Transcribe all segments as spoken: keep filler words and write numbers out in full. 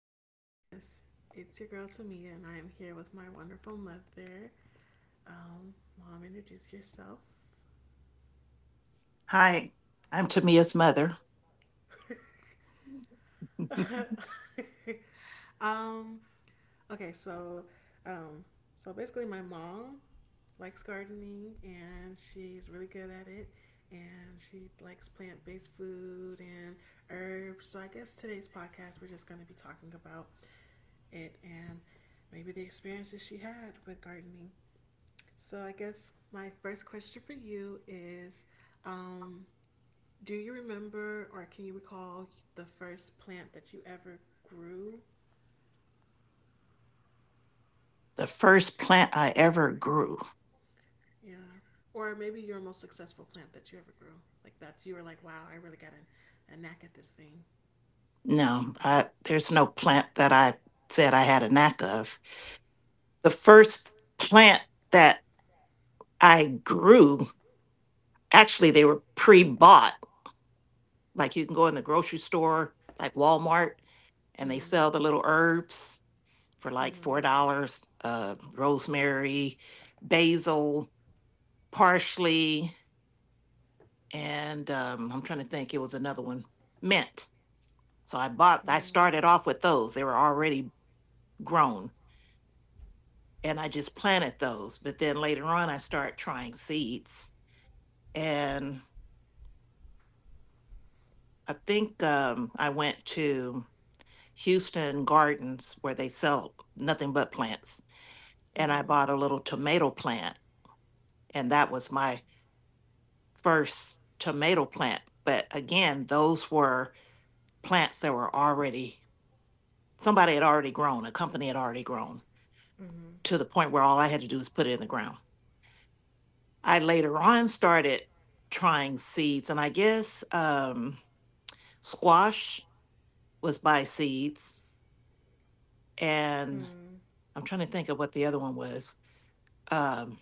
podcast. It's your girl Tamia, and I am here with my wonderful mother. Um, Mom, introduce yourself. Hi, I'm Tamia's mother. um, okay, so, um, so basically, my mom likes gardening, and she's really good at it, and she likes plant-based food and herbs. So I guess today's podcast, we're just going to be talking about it and maybe the experiences she had with gardening. So I guess my first question for you is um, do you remember or can you recall the first plant that you ever grew? The first plant I ever grew. Yeah. Or maybe your most successful plant that you ever grew. Like that you were like, wow, I really got a, a knack at this thing. No, I, there's no plant that I said I had a knack of. The first plant that I grew, actually, they were pre bought. Like you can go in the grocery store, like Walmart, and they Mm-hmm. sell the little herbs for like Mm-hmm. four dollars uh, rosemary, basil, parsley, and um, I'm trying to think, it was another one, mint. So I bought, I Mm-hmm. started off with those. They were already grown and I just planted those. But then later on, I started trying seeds. And I think um, I went to Houston Gardens where they sell nothing but plants. And I bought a little tomato plant. And that was my first tomato plant. But again, those were plants that were already, somebody had already grown, a company had already grown Mm-hmm. to the point where all I had to do was put it in the ground. I later on started trying seeds, and I guess um, squash was by seeds, and Mm-hmm. I'm trying to think of what the other one was. Um,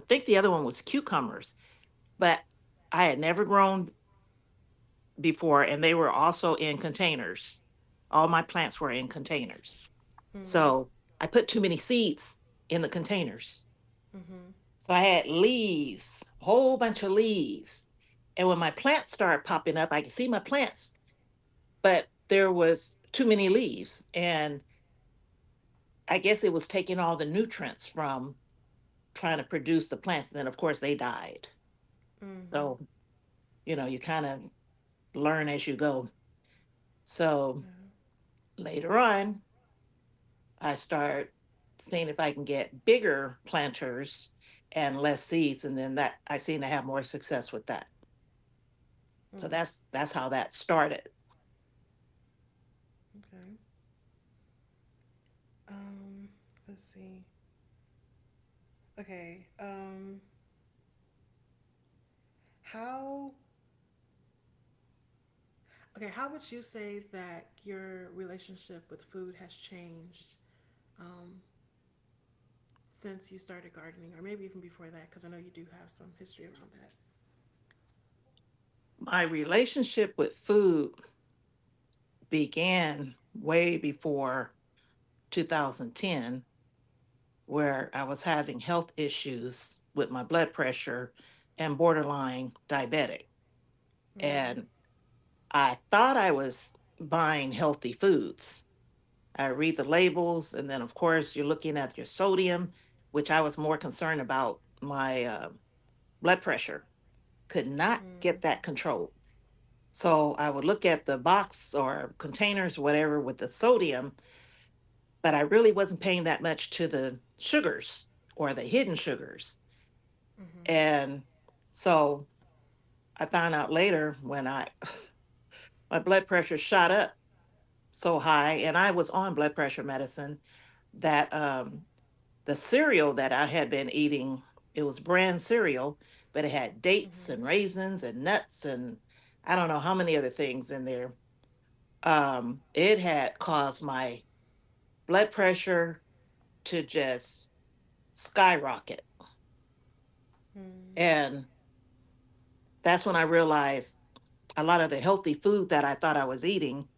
I think the other one was cucumbers, but I had never grown before, and they were also in containers. All my plants were in containers, Mm-hmm. so I put too many seeds in the containers. Mm-hmm. So I had leaves, a whole bunch of leaves, and when my plants started popping up, I could see my plants but there was too many leaves and I guess it was taking all the nutrients from trying to produce the plants, and then of course they died. Mm-hmm. So you know, you kind of learn as you go. So Yeah. later on, I start seeing if I can get bigger planters and less seeds, and then that I seem to have more success with that. So Mm. that's that's how that started. Okay. Um, let's see. Okay. Um, how Okay, how would you say that your relationship with food has changed um, since you started gardening, or maybe even before that? Because I know you do have some history around that. My relationship with food began way before two thousand ten, where I was having health issues with my blood pressure and borderline diabetic. Mm. And I thought I was buying healthy foods. I read the labels, and then, of course, you're looking at your sodium, which I was more concerned about my uh, blood pressure. Could not get Mm. that controlled. So I would look at the box or containers, whatever, with the sodium, but I really wasn't paying that much to the sugars or the hidden sugars. Mm-hmm. And so I found out later when I my blood pressure shot up so high and I was on blood pressure medicine that um the cereal that I had been eating, it was brand cereal, but it had dates Mm-hmm. and raisins and nuts and I don't know how many other things in there. Um it had caused my blood pressure to just skyrocket. Mm. And that's when I realized a lot of the healthy food that I thought I was eating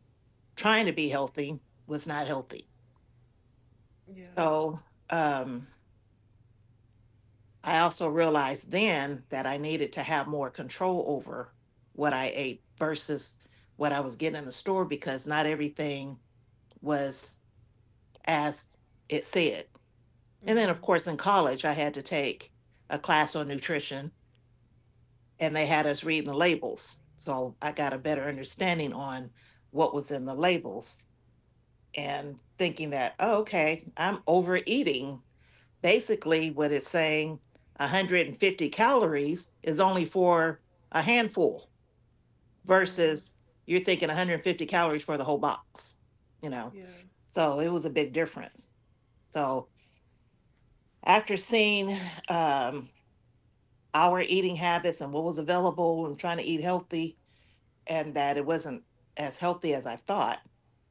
trying to be healthy was not healthy. Yeah. So um, I also realized then that I needed to have more control over what I ate versus what I was getting in the store because not everything was as it said. And then, Mm-hmm. of course, in college, I had to take a class on nutrition and they had us reading the labels. So I got a better understanding on what was in the labels and thinking that, oh, okay, I'm overeating basically what it's saying one hundred fifty calories is only for a handful Mm. versus you're thinking one hundred fifty calories for the whole box, you know. Yeah. So it was a big difference. So after seeing um, our eating habits and what was available and trying to eat healthy and that it wasn't as healthy as I thought,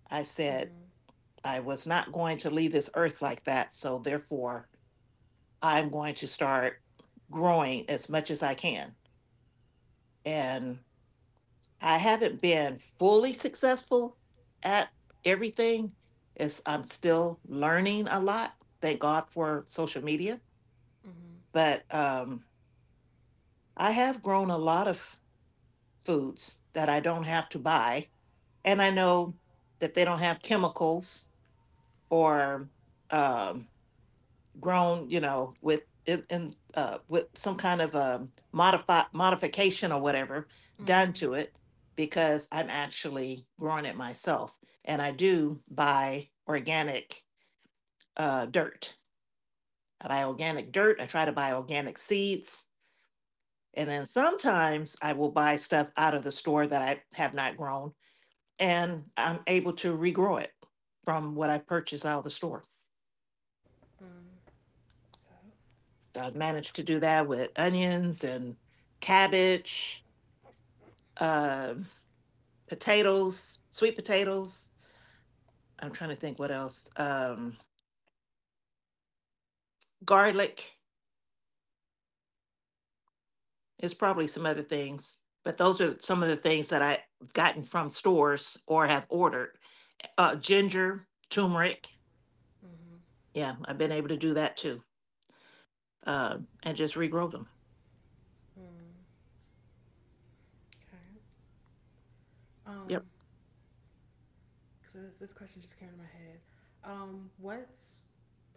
I said Mm-hmm. I was not going to leave this earth like that, so therefore I'm going to start growing as much as I can. And I haven't been fully successful at everything. It's, I'm still learning a lot. Thank God for social media. Mm-hmm. But um, I have grown a lot of foods that I don't have to buy. And I know that they don't have chemicals or um, grown, you know, with in, in uh, with some kind of a modify modification or whatever Mm-hmm. done Mm. to it because I'm actually growing it myself, and I do buy organic uh, dirt. I buy organic dirt. I try to buy organic seeds, and then sometimes I will buy stuff out of the store that I have not grown, and I'm able to regrow it from what I purchased out of the store. So I've managed to do that with onions and cabbage, uh, potatoes, sweet potatoes. I'm trying to think what else. Um, garlic. It's probably some other things, but those are some of the things that I've gotten from stores or have ordered. Uh, ginger, turmeric. Mm-hmm. Yeah, I've been able to do that too, uh, and just regrow them. Mm. Okay. Yep. Um, because this question just came to my head. Um, what's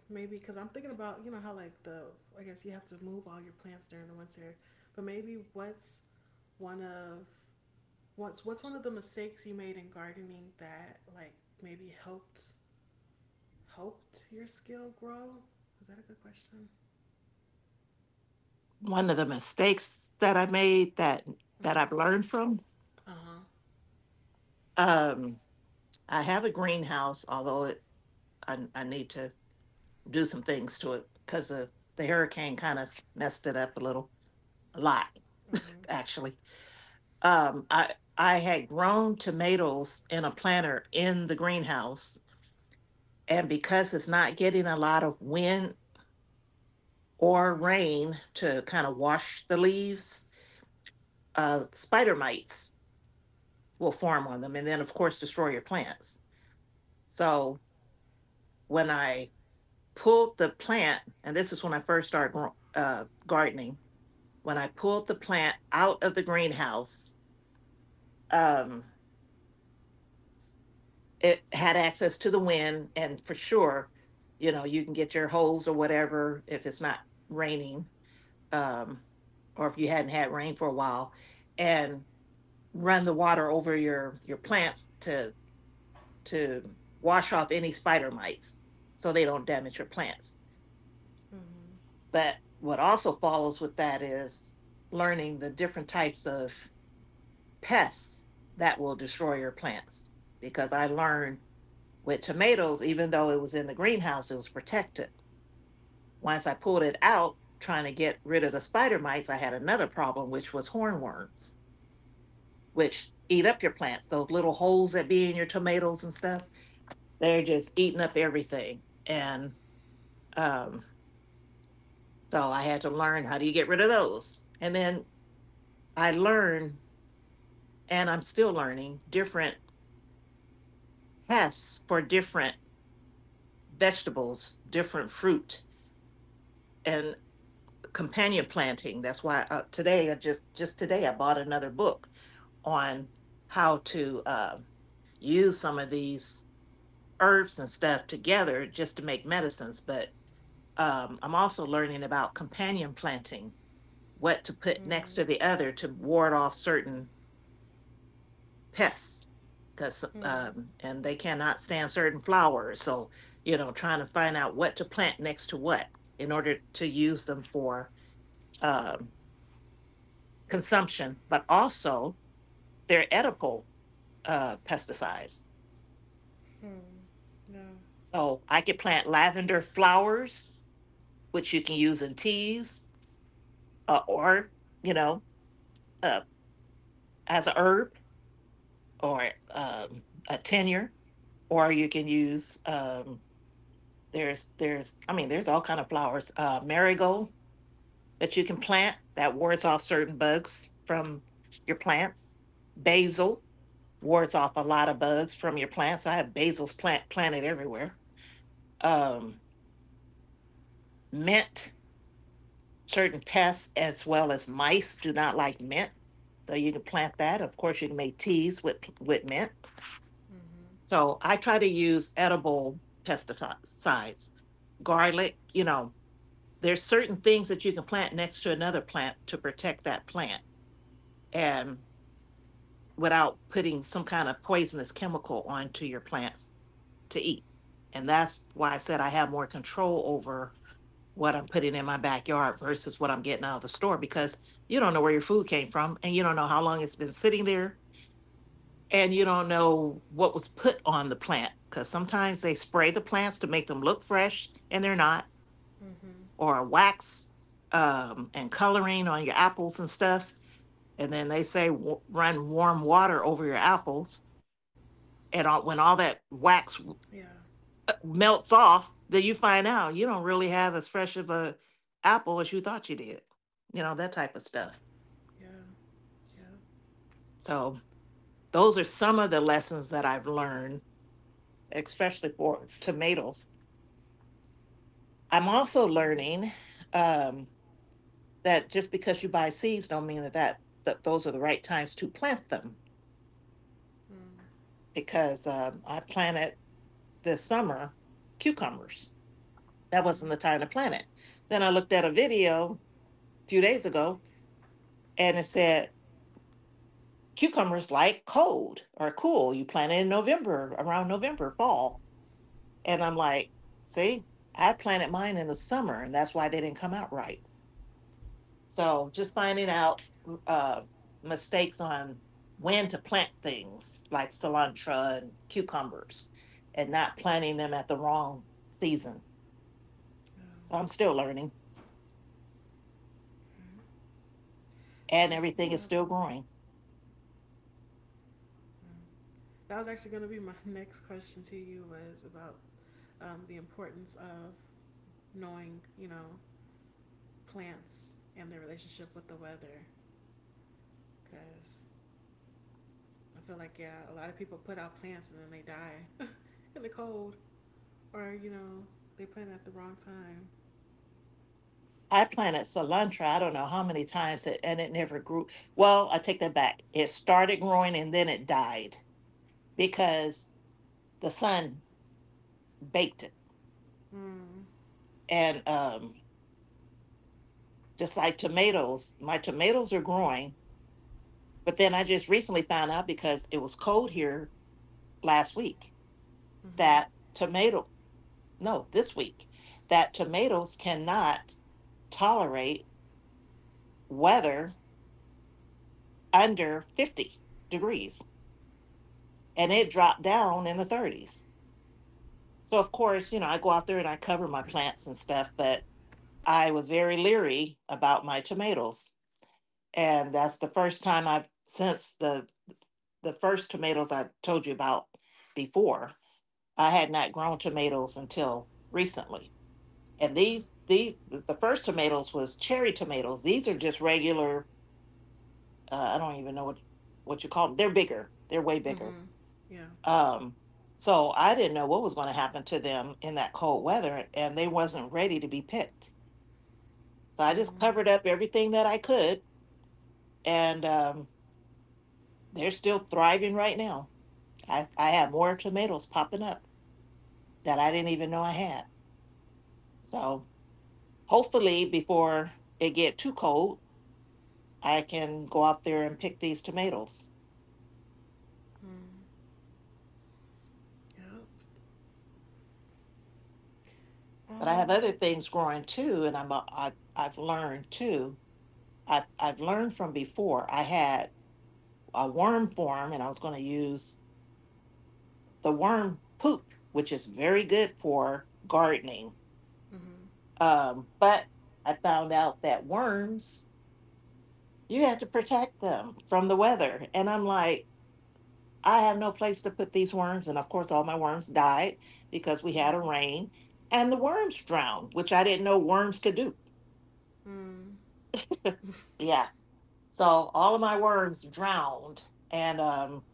Maybe because I'm thinking about you know how like the I guess you have to move all your plants during the winter, but maybe what's one of what's what's one of the mistakes you made in gardening that like maybe helped helped your skill grow? Is that a good question? One of the mistakes that I made that that Mm-hmm. I've learned from. Uh huh. Um, I have a greenhouse, although it, I, I need to do some things to it because the, the hurricane kind of messed it up a little, a lot Mm-hmm. actually. Um, I I had grown tomatoes in a planter in the greenhouse, and because it's not getting a lot of wind or rain to kind of wash the leaves, uh, spider mites will form on them, and then of course destroy your plants. So when I pulled the plant, and this is when I first started uh, gardening, when I pulled the plant out of the greenhouse, um, it had access to the wind, and for sure, you know, you can get your hose or whatever if it's not raining, um, or if you hadn't had rain for a while, and run the water over your your plants to to wash off any spider mites so they don't damage your plants. Mm-hmm. But what also follows with that is learning the different types of pests that will destroy your plants because I learned with tomatoes, even though it was in the greenhouse, it was protected. Once I pulled it out, trying to get rid of the spider mites, I had another problem, which was hornworms, which eat up your plants. Those little holes that be in your tomatoes and stuff, they're just eating up everything. And um, so I had to learn how do you get rid of those. And then I learned, and I'm still learning, different pests for different vegetables, different fruit, and companion planting. That's why uh, today, I just just today, I bought another book on how to uh, use some of these herbs and stuff together just to make medicines. But um, I'm also learning about companion planting, what to put next Mm-hmm. to the other to ward off certain pests. Because Mm-hmm. Mm-hmm. um, and they cannot stand certain flowers, so you know, trying to find out what to plant next to what in order to use them for um, consumption, but also they're edible uh, pesticides. Yeah. So I could plant lavender flowers, which you can use in teas uh, or, you know, uh, as a herb or um, a tenure, or you can use, um, there's, there's, I mean, there's all kind of flowers, uh, marigold that you can plant that wards off certain bugs from your plants, basil, wards off a lot of bugs from your plants. I have basil's plant planted everywhere. Um, mint, certain pests as well as mice do not like mint, so you can plant that. Of course, you can make teas with with mint. Mm-hmm. So I try to use edible pesticides, garlic. You know, there's certain things that you can plant next to another plant to protect that plant and without putting some kind of poisonous chemical onto your plants to eat. And that's why I said I have more control over what I'm putting in my backyard versus what I'm getting out of the store because you don't know where your food came from, and you don't know how long it's been sitting there, and you don't know what was put on the plant because sometimes they spray the plants to make them look fresh and they're not, Mm-hmm. or wax um, and coloring on your apples and stuff. And then they say w- run warm water over your apples. And all, when all that Yeah. wax melts off, that you find out you don't really have as fresh of a apple as you thought you did, you know, that type of stuff. Yeah. Yeah. So those are some of the lessons that I've learned, especially for tomatoes. I'm also Mm. learning um, that just because you buy seeds don't mean that, that that those are the right times to plant them Mm. because um, I planted this summer cucumbers. That Hmm. wasn't the time to plant it. Then I looked at a video a few days ago, and it said cucumbers like cold or cool. You plant it in November, around November, fall. And I'm like, see, I planted mine in the summer, and that's why they didn't come out right. So just finding out uh, mistakes on when to plant things like cilantro and cucumbers and not planting them at the wrong season. Yeah. So I'm still learning, Mm. I and guess everything uh, is still growing. that was actually going to be my next question to you was about um, the importance of knowing, you know, plants and their relationship with the weather. Because I feel like, yeah, a lot of people put out plants and then they die in the cold, or you know, they plant at the wrong time. I planted cilantro, I don't know how many times, it, and it never grew. Well, I take that back. It started growing and then it died because the sun baked it. Mm. And um, Just like tomatoes, my tomatoes are growing. But then I just recently found out because it was cold here last week Mm-hmm. that tomato, no, this week, that tomatoes cannot tolerate weather under fifty degrees. And it dropped Mm. down in the thirties. So of course, you know, I go out there and I cover my plants and stuff, but I was very leery about my tomatoes. And that's the first time I've since the the first tomatoes I told you about before. I had not grown tomatoes until recently. And Yeah. these these the first tomatoes was cherry tomatoes. These are just regular uh, I don't even know what what you call them. They're bigger. They're way bigger. Mm-hmm. Yeah. Um, so I didn't know what was going to happen to them in that cold weather, and they wasn't ready to be picked. So I just Mm. covered up everything that I could, and um, they're still thriving right now. I I have more tomatoes popping up that I didn't even know I had. So hopefully, before it get too cold, I can go out there and pick these tomatoes. Mm. Yep. But I have Um, other things growing too, and I'm a, I, I've learned too. I've, I've learned from before. I had a worm form, and I was going to use the worm poop, which is very good for gardening. Mm-hmm. Um, but I found out that worms, you had to protect them from the weather. And I'm like, I have no place to put these worms. And of course, all my worms died because we Yeah. had a rain and the worms drowned, which I didn't know worms could do. Mm. Yeah. So all of my worms drowned. And um,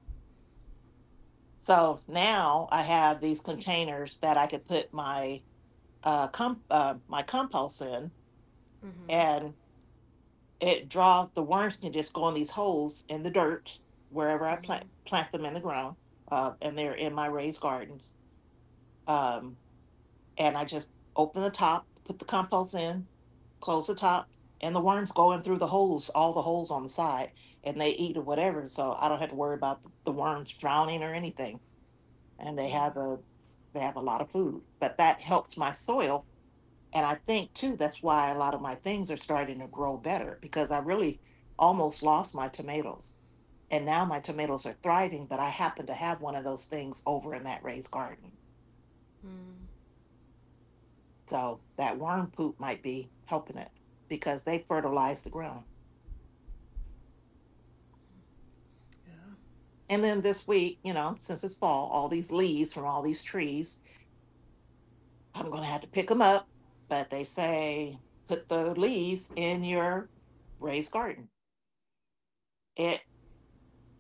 So now I have these containers that I could put my uh, comp- uh, my compost in, Mm-hmm. and it draws the worms can just go in these holes in the dirt wherever I Mm-hmm. plant plant them in the ground, uh, and they're in my raised gardens. Um, and I just open the top, put the compost in, close the top, and the worms go in through the holes, all the holes on the side, and they eat or whatever. So I don't have to worry about the the worms drowning or anything, and they Yeah. have a they have a lot of food. But that helps my soil. And I think too, that's why a lot of my things are starting to grow better because I really almost lost my tomatoes. And now my tomatoes are thriving, but I happen to have one of those things over in that raised garden. Mm. So that worm poop might be helping it because they fertilize the ground. Yeah. And then this week, you know, since it's fall, all these leaves from all these trees, I'm going to have to pick them up. But they say put the leaves in your raised garden, it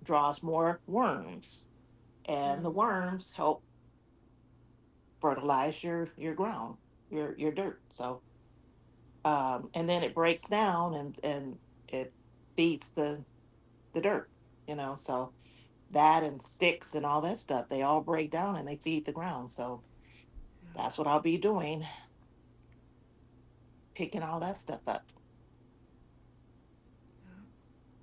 draws more worms and the Mm. worms help fertilize your your ground your your dirt so um and then it breaks down and and it feeds the the dirt, you know. So that and sticks and all that stuff they all break down and they feed the ground. So Yeah. that's what I'll be doing, picking all that stuff up. Yeah.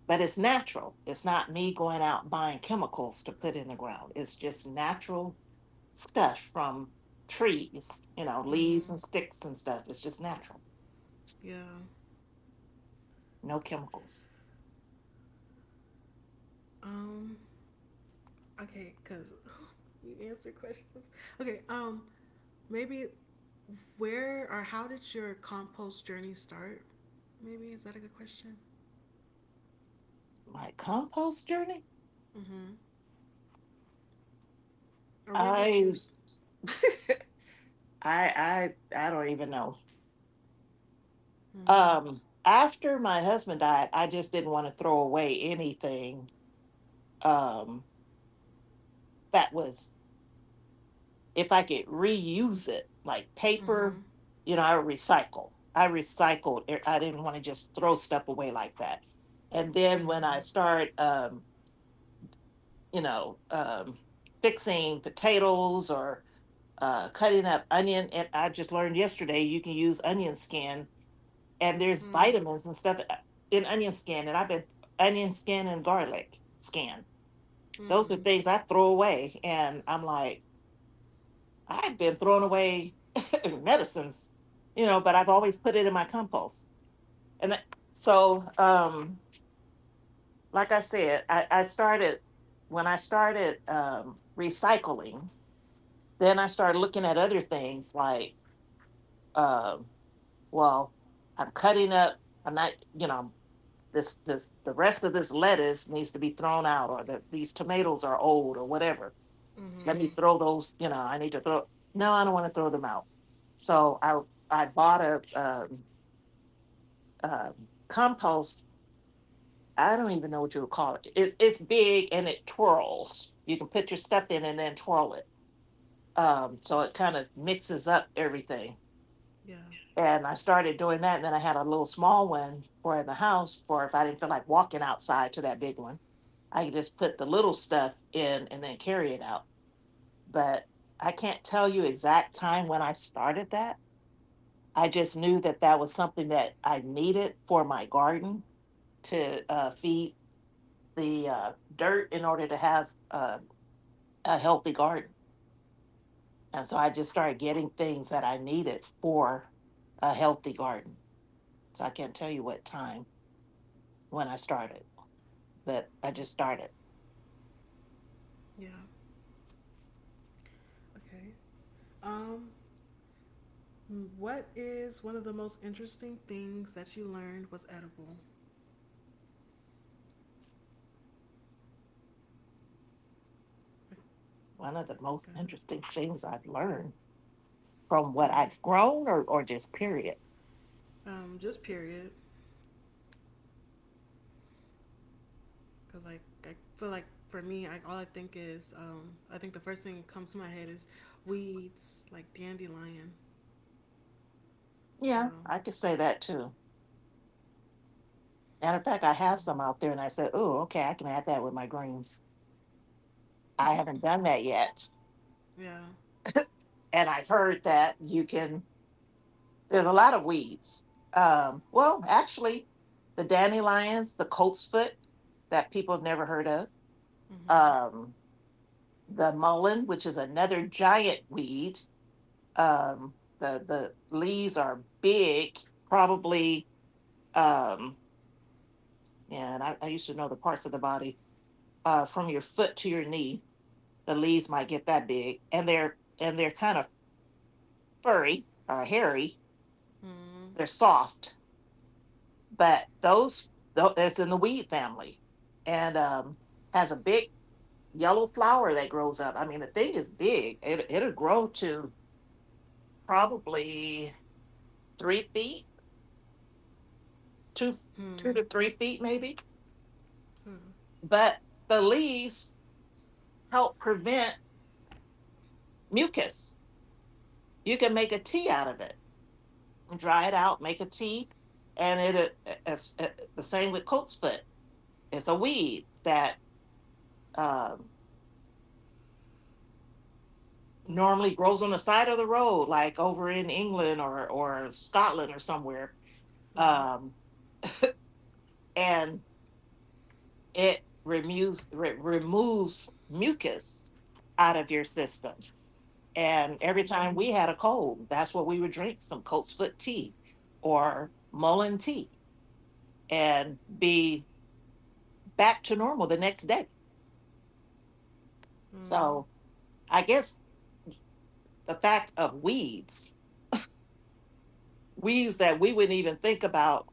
But it's natural, it's not me going out buying chemicals to put in the ground, it's just natural stuff from trees, you know, leaves Mm-hmm. and sticks and stuff, it's just natural. Yeah. No chemicals. Um. Okay, cause you answer questions. Okay. Um. Maybe where or how did your compost journey start? Maybe is that a good question? My compost journey, Mm-hmm. Or when did you? i s- i i I don't even know. Mm. Um, after my husband died I just didn't want to throw away anything, um that was, if I could reuse it like paper, Mm-hmm. you know, i recycle I recycled it. I didn't want to just throw stuff away like that. And then when I Mm-hmm. start, um you know, um fixing potatoes or uh, cutting up onion, and I just learned yesterday you can use onion skin, and there's Mm. vitamins and stuff uh, in onion skin. And I've been, onion skin and garlic skin, those are Mm. things I throw away and I'm like, I've been throwing away medicines, you know, but Yeah. I've always put it in my compost. And that, so um Like I said, i, I started when I started um recycling, then I started looking at other things like, um well I'm cutting up, I'm not, you know. This this the rest of this lettuce needs to be thrown out, or the, these tomatoes are old, or whatever. Mm-hmm. Let me throw those. You know, I need to throw. No, I don't want to throw them out. So I I bought a um, uh, compost. I don't even know what you would call it. It's it's big and it twirls. You can put your stuff in and then twirl it. Um, so it kind of mixes up everything. Yeah. And I started doing that. And then I had a little small one for in the house, for if I didn't feel like walking outside to that big one, I could just put the little stuff in and then carry it out. But I can't tell you exact time when I started that. I just knew that that was something that I needed for my garden to uh, feed the uh, dirt in order to have uh, a healthy garden. And so I just started getting things that I needed for a healthy garden. So I can't tell you what time when I started, that I just started. Yeah. Okay. Um. What is one of the most interesting things that you learned was edible? One of the most Good. interesting things I've learned from what Mm-hmm. I've grown, or, or just period. Um, just period, because like I feel like for me, I, all I think is um, I think the first thing that comes to my head is weeds, like dandelion. Yeah, Oh, I could say that too. Matter of fact, I have some out there and I said, oh, okay, I can add that with my greens. I yeah. haven't done that yet. yeah. And I've heard that you can, there's a lot of weeds. Um, well, actually, the dandelions, the colt's foot that people have never heard of, Mm-hmm. um, the mullein, which is another giant weed. um the the leaves are big, probably, um yeah, and I, I used to know the parts of the body uh from your foot to your knee. The leaves might get that big, and they're and they're kind of furry or hairy, Mm-hmm. they're soft. But those tho- it's in the weed family, and um has a big yellow flower that grows up. I mean, the thing is big, it, it'll grow to probably three feet, two two to Hmm. three feet maybe. Hmm. But the leaves help prevent mucus. You can make a tea out of it, dry it out, make a tea, and it, it it's, it- the same with coat's foot. It's a weed that um, normally grows on the side of the road, like over in England or or Scotland or somewhere, Right. um, and it removes re- removes mucus out of your system. And every Mm-hmm. time we had a cold, that's what we would drink, some colt's foot tea or mullein tea, and be back to normal the next day. Mm. So I guess the fact of weeds, weeds that we wouldn't even think about,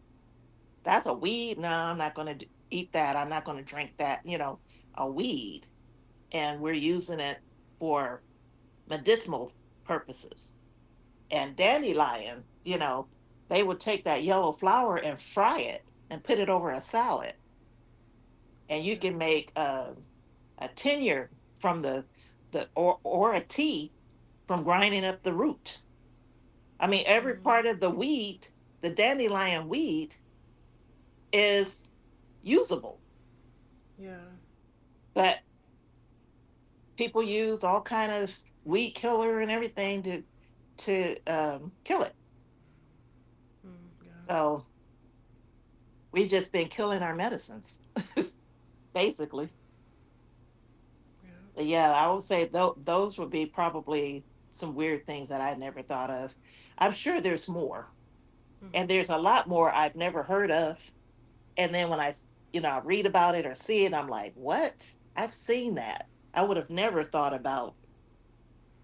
that's a weed. No, I'm not going to eat that. I'm not going to drink that, you know, a weed. And we're using it for medicinal purposes. And dandelion, you know, they would take that yellow flower and fry it and put it over a salad, and you Yeah. can make uh, a tenure from the the or or a tea from grinding up the root. I mean, every Mm. part of the weed, the dandelion weed, is usable, Yeah. but people use all kind of weed killer and everything to to um, kill it. Mm. Yeah. So we've just been killing our medicines, basically. Yeah. Yeah, I would say tho- those would be probably some weird things that I never thought of. I'm sure there's more, and Mm-hmm. there's a lot more I've never heard of. And then when I, s- you know, I read about it or see it, I'm like, what? I've seen that. I would have never thought about,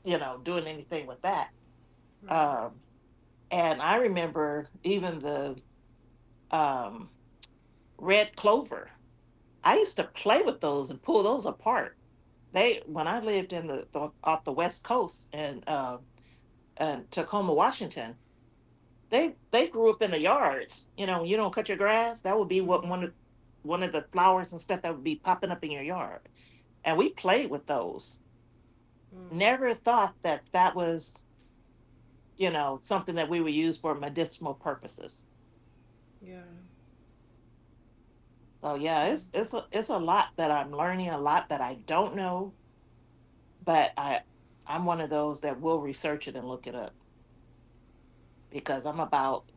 you know, doing anything with that. Right. Um, and I remember even the um, red clover. I used to play with those and pull those apart. They when I lived in the, the off the west coast and um uh, Tacoma, Washington, they they grew up in the yards. You know, you don't cut your grass. That would be what Mm-hmm. one of one of the flowers and stuff that would be popping up in your yard. And we played with those. Mm. Never thought that that was, you know, something that we would use for medicinal purposes. Yeah. So yeah, Mm. it's it's a, it's a lot that I'm learning, a lot that I don't know, but I I'm one of those that will research it and look it up because I'm about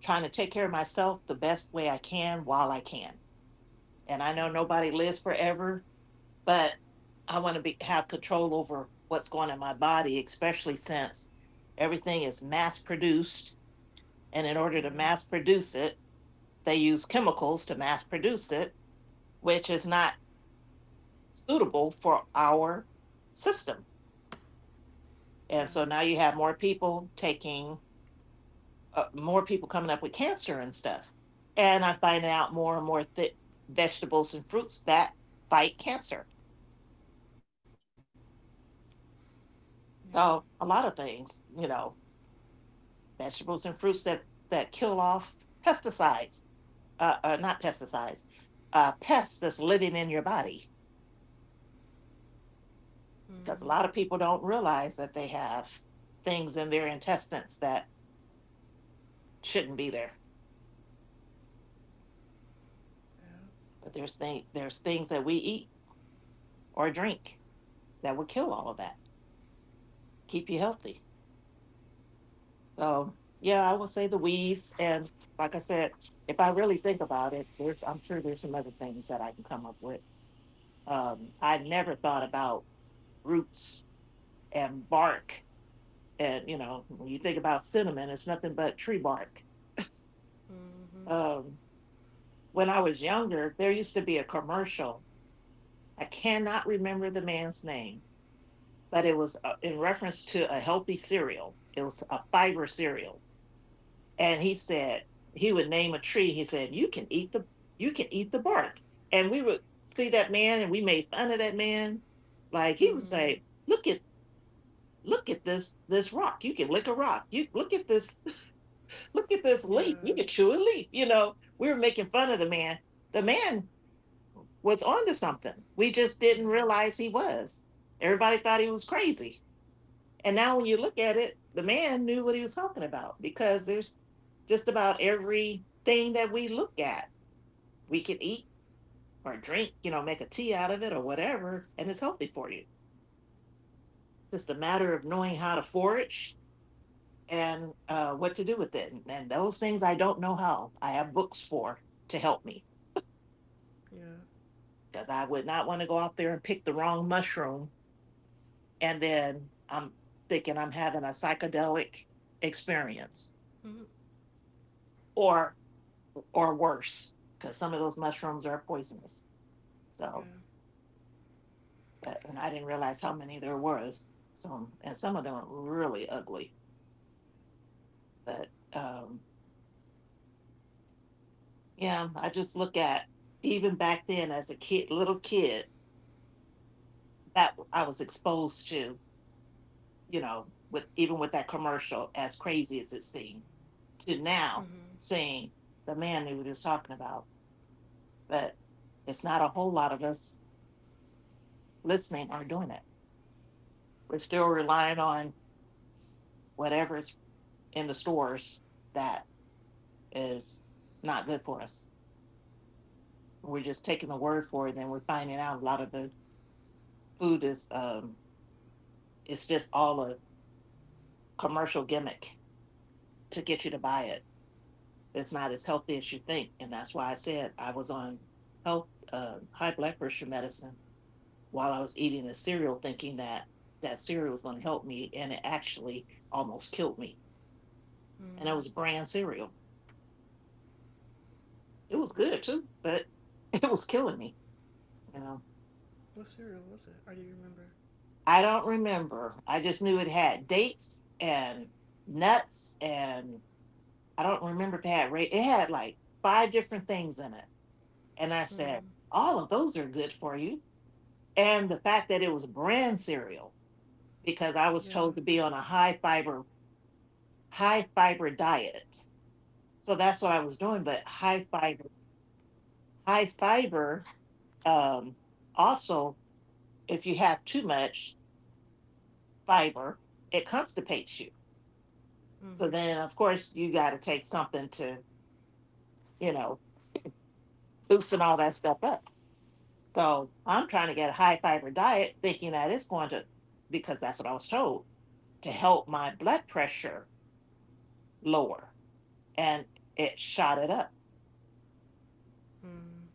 trying to take care of myself the best way I can while I can, and I know Yeah. nobody lives forever, but I want to be have control over what's going on in my body, especially since everything is mass produced. And in order Yeah. to mass produce it, they use chemicals to mass produce it, which is not suitable for our system. Yeah. And so now you have more people taking, uh, more people coming up with cancer and stuff. And I find out more and more th- vegetables and fruits that fight cancer. Yeah. So a lot of things, you know, vegetables and fruits that that kill off pesticides, uh, uh, not pesticides, uh, pests that's living in your body. Because Mm. a lot of people don't realize that they have things in their intestines that shouldn't be there. Yeah. But there's thing, there's things that we eat or drink that will kill all of that, keep you healthy. So yeah, I would say the weeds, and like I said, if I really think about it, there's I'm sure there's some other things that I can come up with. Um, I never thought about roots and bark. And you know, when you think about cinnamon, it's nothing but tree bark. Mm-hmm. Um, when I was younger, there used to be a commercial. I cannot remember the man's name, but it was uh, in reference to a healthy cereal. It was a fiber cereal, and he said he would name a tree. He said you can eat the you can eat the bark, and we would see that man, and we made fun of that man. Like he would Mm. say, "Look at look at this this rock. You can lick a rock. You look at this Look at this leaf. You Yeah. could chew a leaf." You know, we were making fun of the man. The man was onto something. We just didn't Yeah. realize he was. Everybody thought he was crazy. And now when you look at it, the man knew what he was talking about because there's just about everything that we look at, we can eat or drink, you know, make a tea out of it or whatever, and it's healthy for you. It's just a matter of knowing how to forage and uh, what to do with it. And, and those things I don't know how. I have books for to help me, Yeah. because I would not want to go out there and pick the wrong mushroom. And then I'm thinking I'm having a psychedelic experience, Mm. or or worse, because some of those mushrooms are poisonous. Yeah. So but, and I didn't realize how many there was. So and some of them are really ugly. But um, yeah, I just look at even back then as a kid, little kid, that I was exposed to, you know, with even with that commercial, as crazy as it seemed, to now Mm-hmm. seeing the man who we were just talking about. But it's not a whole lot of us listening or doing it. We're still relying on whatever's in the stores that is not good for us. We're just taking the word for it, and we're finding out a lot of the food is um, it's just all a commercial gimmick to get you to buy it. It's not as healthy as you think, and that's why I said I was on health uh, high blood pressure medicine while I was eating the cereal, thinking that that cereal was going to help me, and it actually almost killed me. And Mm. it was brand cereal. It was good too, but it was killing me. You know, What cereal was it? Or do you remember? I don't remember. I just knew it had dates and nuts, and I don't remember if it had ra- it had like five different things in it. And I said, Mm. all of those are good for you. And the fact that it was brand cereal, because I was Yeah. told to be on a high fiber, high fiber diet, so that's what I was doing. But high fiber, high fiber. Um, also, if you have too much fiber, it constipates you. So Mm-hmm. then, of course, you got to take something to, you know, loosen all that stuff up. So I'm trying to get a high fiber diet, thinking that it's going to, because that's what I was told, to help my blood pressure lower. And it shot it up Mm.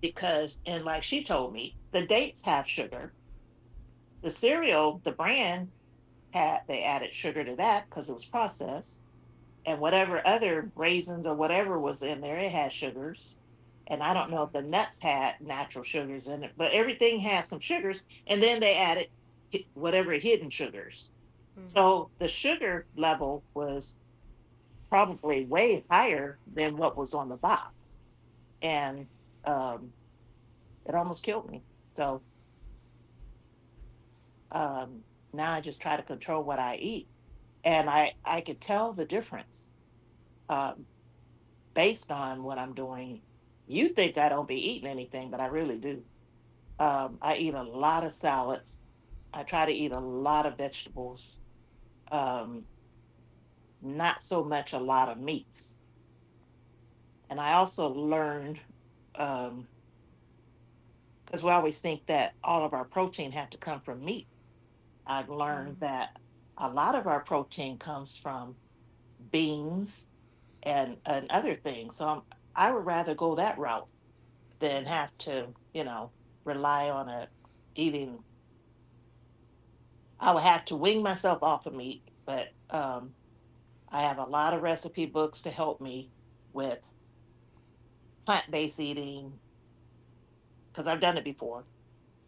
because, and like she told me, the dates have sugar, the cereal, the brand had they added sugar to that because it was processed, and whatever other raisins or whatever was in there, it had sugars. And I don't Yeah. know if the nuts had natural sugars in it, but everything had some sugars. And then they added whatever hidden sugars. Mm-hmm. So the sugar level was probably way higher than what was on the box. And um, it almost killed me. So um, now I just try to control what I eat. And I, I could tell the difference uh, based on what I'm doing. You think I don't be eating anything, but I really do. Um, I eat a lot of salads. I try to eat a lot of vegetables, um, not so much a lot of meats. And I also learned because we always think that all of our protein have to come from meat. I learned Mm. that a lot of our protein comes from beans and, and other things. So I'm, I would rather go that route than have Nuts. to, you know, rely on a eating. I would have to wing myself off of meat, but um, I have a lot of recipe books to help me with plant based eating because I've done it before.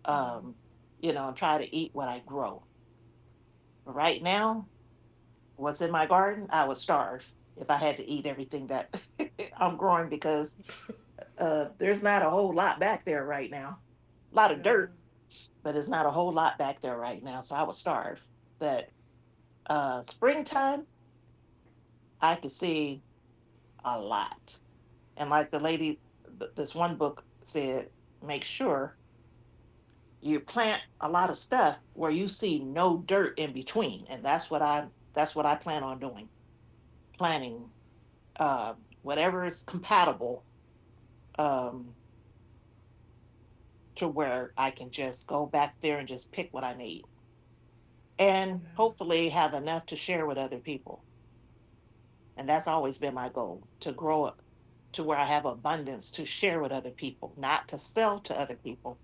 Um, Mm-hmm. you know, and try to eat what I grow. But right now, what's in my garden, I would starve if I had to eat everything that I'm growing because uh, there's not a whole lot back there right now. A lot of Yeah. dirt, but it's not a whole lot back there right now. So I would starve. But uh, springtime, I could see a lot. And like the lady, th- this one book said, make sure you plant a lot of stuff where you see no dirt in between, and that's what I that's what I plan on doing. Planting uh, whatever is compatible, um, to where I can just go back there and just pick what I need, and Yeah. hopefully have enough to share with other people. And that's always been my goal to grow up to where I have abundance to share with other people, not to sell to other people.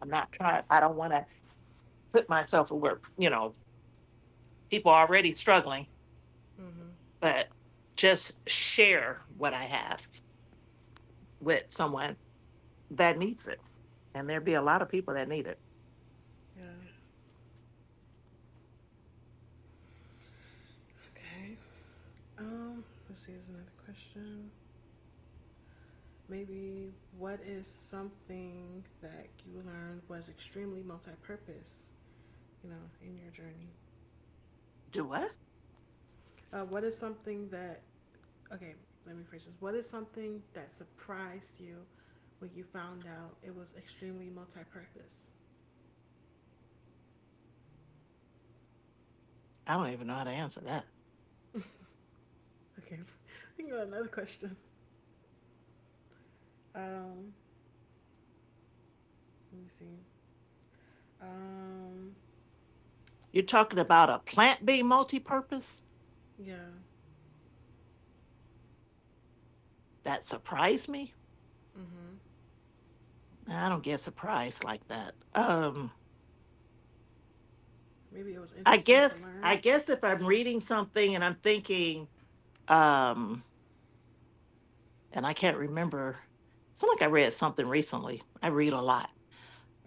I'm not trying, I don't want to put myself where, you know, people are already struggling, Mm-hmm. but just share what I have with someone that needs it. And there'd be a lot of people that need it. Yeah. Okay. Um. Let's see. There's another question. Maybe what is something that you learned was extremely multi-purpose, you know, in your journey? Do what? Uh, what is something that, okay, let me phrase this. What is something that surprised you when you found out it was extremely multi-purpose? I don't even know how to answer that. Okay, I can go to another question. Um, let me see. Um, You're talking about a plant being multi purpose? yeah. That surprised me? Mm-hmm. I don't get surprised like that. Um, Maybe it was I interesting to guess I learn. guess if I'm reading something and I'm thinking, um, and I can't remember, it's not like I read something recently. I read a lot,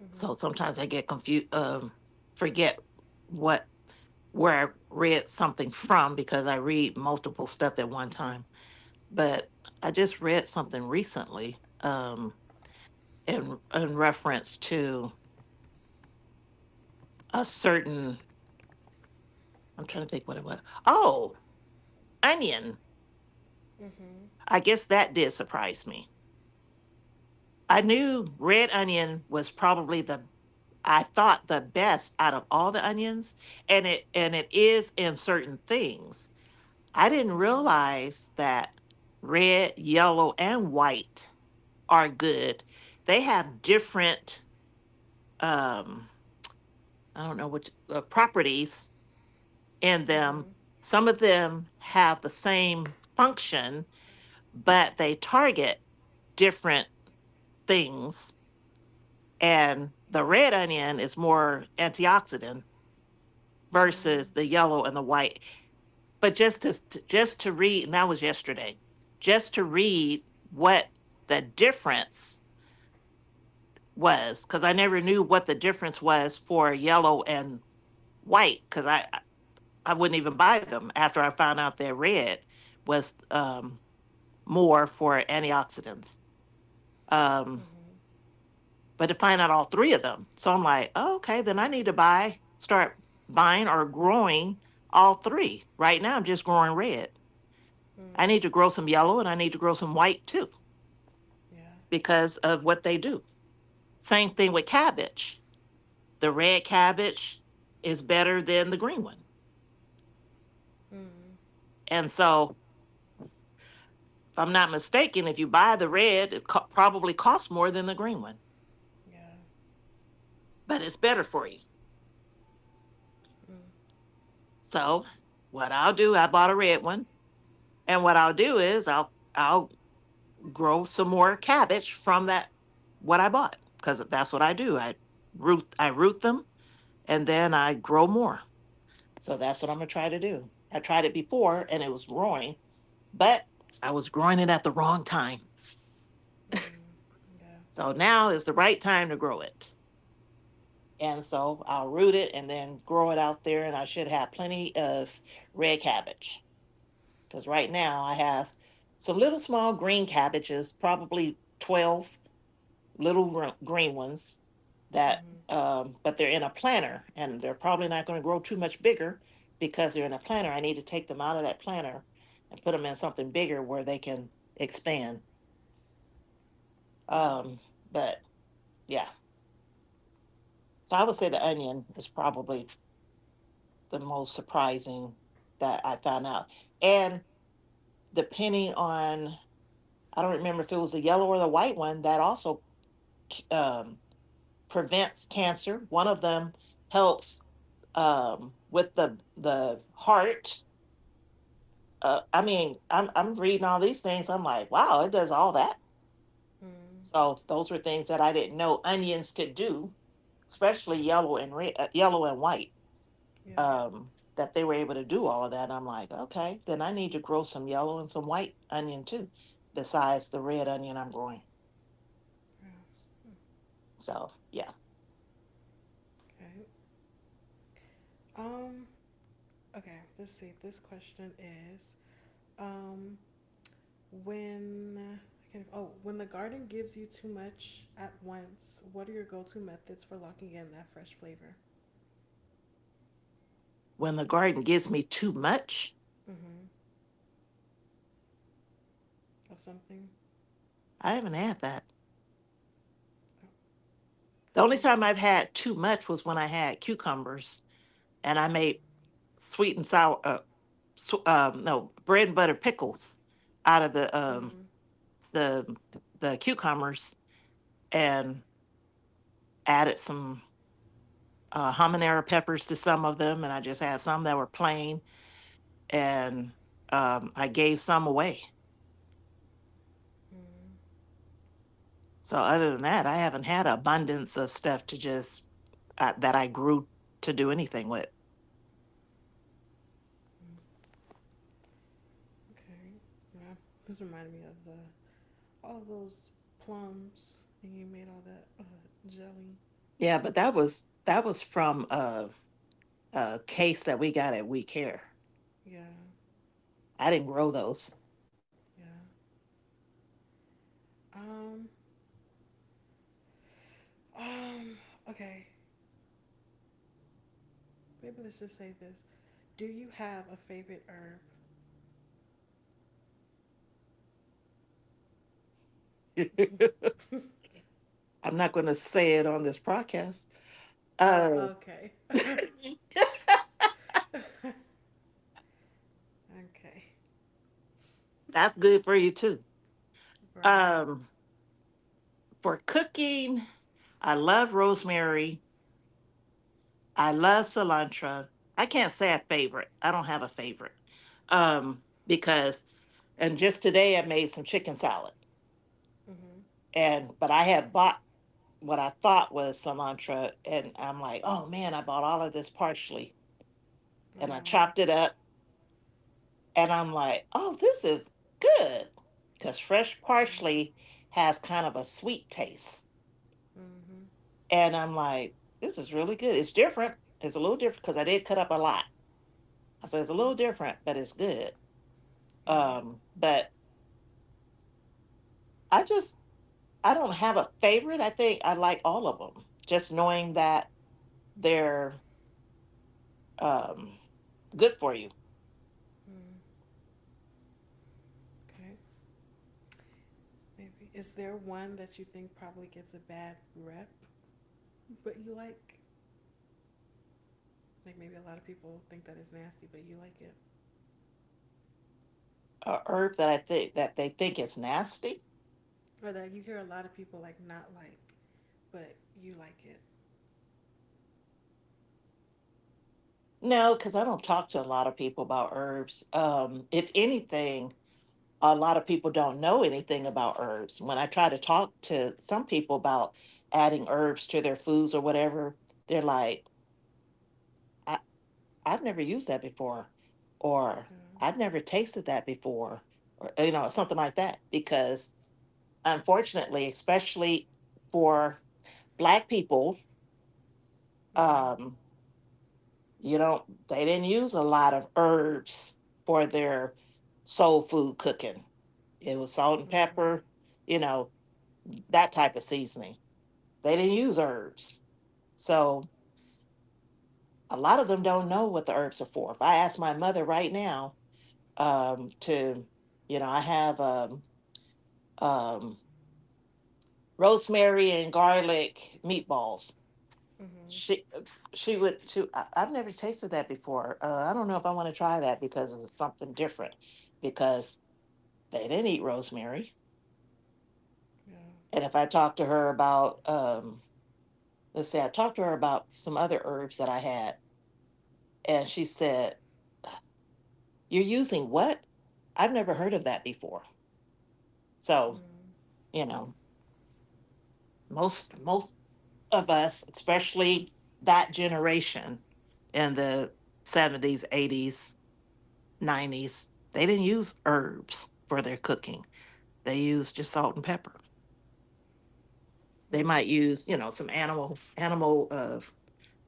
Mm-hmm. so sometimes I get confused, um, forget what where I read something from because I read multiple stuff at one time. But I just read something recently, um, in in reference to a certain. I'm trying to think what it was. Oh, onion. Mm-hmm. I guess that did surprise me. I knew red onion was probably the I thought the best out of all the onions, and it and it is in certain things. I didn't Mm-hmm. realize that red, yellow and white are good. They have different um I don't know which uh, properties in them. Mm-hmm. Some of them have the same function but they target different things. And the red onion is more antioxidant Mm-hmm. versus the yellow and the white. But just to just to read, and that was yesterday, just to read what the difference was, because I never knew what the difference was for yellow and white, because I I wouldn't even buy them after I found out that red was um, more for antioxidants. Um, Mm-hmm. but to find out all three of them. So I'm like, oh, okay, then I need to buy, start buying or growing all three. Right now, I'm just growing red. I Mm-hmm. need to grow some yellow and I need to grow some white too Yeah. because of what they do. Same thing with cabbage. The red cabbage is better than the green one. Mm. And so, if I'm not mistaken, if you buy the red, it co- probably costs more than the green one, Yeah. but it's better for you. Mm. So, what I'll do, I bought a red one, and what I'll do is I'll I'll grow some more cabbage from that what I bought because that's what I do. I root I root them and then I grow more. So that's what I'm gonna try to do. I tried it before and it was growing, but I was growing it at the wrong time. Mm. Yeah. So now is the right time to grow it. And so I'll root it and then grow it out there and I should have plenty of red cabbage. Because right now I have some little small green cabbages, probably twelve little green ones that Mm-hmm. um, but they're in a planter and they're probably not going to grow too much bigger because they're in a planter. I need to take them out of that planter and put them in something bigger where they can expand, Yeah. um, but yeah, so I would say the All onion is probably the most surprising that I found out, and depending on, I don't remember if it was the yellow or the white one that also, um, prevents cancer. One of them helps, um, with the the heart. Uh, I mean, I'm I'm reading all these things. I'm like, wow, it does all that. right. Mm. So those were things that I didn't know onions could do, especially yellow and red, uh, yellow and white. Yeah. Um, that they were able to do all of that. I'm like, okay, then I need to grow some yellow and some white onion too, besides the red onion I'm growing. Yeah. So yeah, Okay. Um. Okay. Let's see. This question is, um, when I can't, oh, when the garden gives you too much at once, what are your go-to methods for locking in that fresh flavor? when the garden gives me too much, Mm-hmm. Of something? I haven't had that. Oh, The only even your time time. I've had too much was when I had cucumbers, and I made sweet and sour, uh, sw- um, no, bread and butter pickles out of the um, Mm. the the cucumbers, and added some uh, habanero peppers to some of them, and I just had some that were plain, and um, I gave some away. Mm. So other than that, I haven't had abundance of stuff to just, uh, that I grew, to do anything with. Mm. Okay. Yeah. This reminded me of the all those plums, and you made all that uh, jelly. Yeah, but that was that was from uh uh, case that we got at We Care. Yeah, I didn't grow those. yeah. Um, um. Okay, maybe let's just say this. Do you have a favorite herb? I'm not going to say it on this podcast. Uh, Oh, okay. okay. that's good for you too. Right. Um, for cooking, I love rosemary. I love cilantro. I can't say a favorite. I don't have a favorite, um, because, and just today I made some chicken salad, Mhm. and but I had bought what I thought was cilantro and I'm like, oh man, I bought all of this partially, and I Uh, chopped it up. And I'm like, oh, this is good. Because fresh yeah. parsley has kind of a sweet taste. Mhm. And I'm like, this is really good. It's different. It's a little different because I did cut up a lot. I said it's a little Mhm. different, but it's good. Yeah. Um, but I just, I don't have a favorite. I think I like all of them. Just knowing that they're, um, good for you. Mm. Okay. Maybe. Is there one that you think probably gets a bad rep, but you like? Like maybe a lot of people think that it's nasty, but you like it, A herb that I think that they think is nasty. or that you hear a lot of people like not like, but you like it. No, because I don't talk to a lot of people about herbs. Um, if anything, a lot of people don't know anything about herbs. When I try to talk to some people about adding herbs to their foods or whatever, they're like, I, I've never used that before, or Yeah. I've never tasted that before, or, you know, something like that. Because unfortunately, especially for Black people, Mm-hmm. um, you don't, they didn't use a lot of herbs for their soul food cooking. It was salt and Mm-hmm. pepper, you know, that type of seasoning. They didn't use herbs. So a lot of them don't know what the herbs are for. If I ask my mother right now, um, to, you know, I have, um, um, rosemary and garlic meatballs. Mm-hmm. She she would she I, I've never tasted that before. Uh, I don't know if I want to try that because it's something different. Because they didn't eat rosemary, Yeah. and if I talk to her about, um, let's say I talked to her about some other herbs that I had, and she said, you're using what? I've never heard of that before. So, Mm-hmm. you know, most most of us, especially that generation in the seventies, eighties, nineties, they didn't use herbs for their cooking. They used just salt and pepper. They might use, you know, some animal animal uh,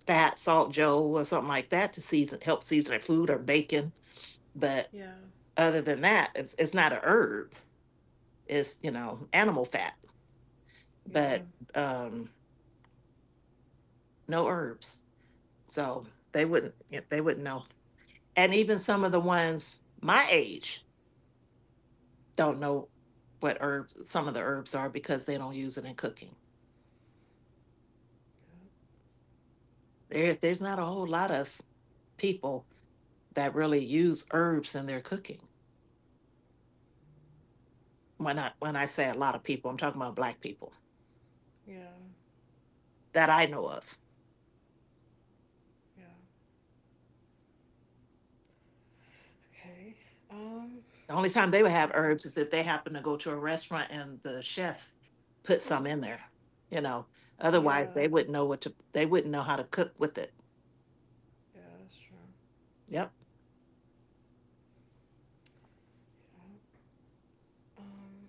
fat, salt joe or something like that to season, help season their food or bacon, but Yeah. other than that, it's, it's not a herb. It's, you know, animal fat, Yeah. but um, no herbs. So they wouldn't, yeah, they wouldn't know. And even some of the ones my age don't know what herbs, some of the herbs are, because they don't use it in cooking. Yeah. There's there's not a whole lot of people that really use herbs in their cooking. When I when I say a lot of people, I'm talking about black people Yeah. that I know of. Yeah. Okay. Um. The only time they would have Let's see. herbs is if they happen to go to a restaurant and the chef put Mm. some in there, you know. Otherwise, Yeah. they wouldn't know what to, they wouldn't know how to cook with it. Yeah. Sure. Yep. Yeah. Um.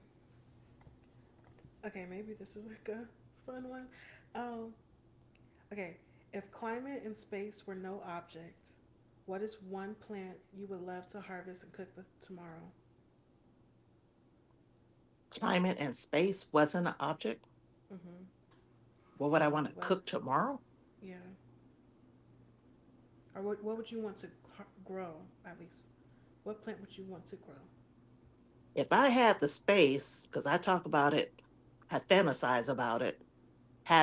Okay. Maybe this is like a fun one. Um. Okay. If climate and space were no object, what is one plant you would love to harvest and cook with tomorrow? Climate and space wasn't an object. Mm-hmm. What would So I want the to weather. cook tomorrow? Yeah. Or what, what would you want to grow, at least what plant would you want to grow? If I had the space, because I talk about it, I fantasize about it,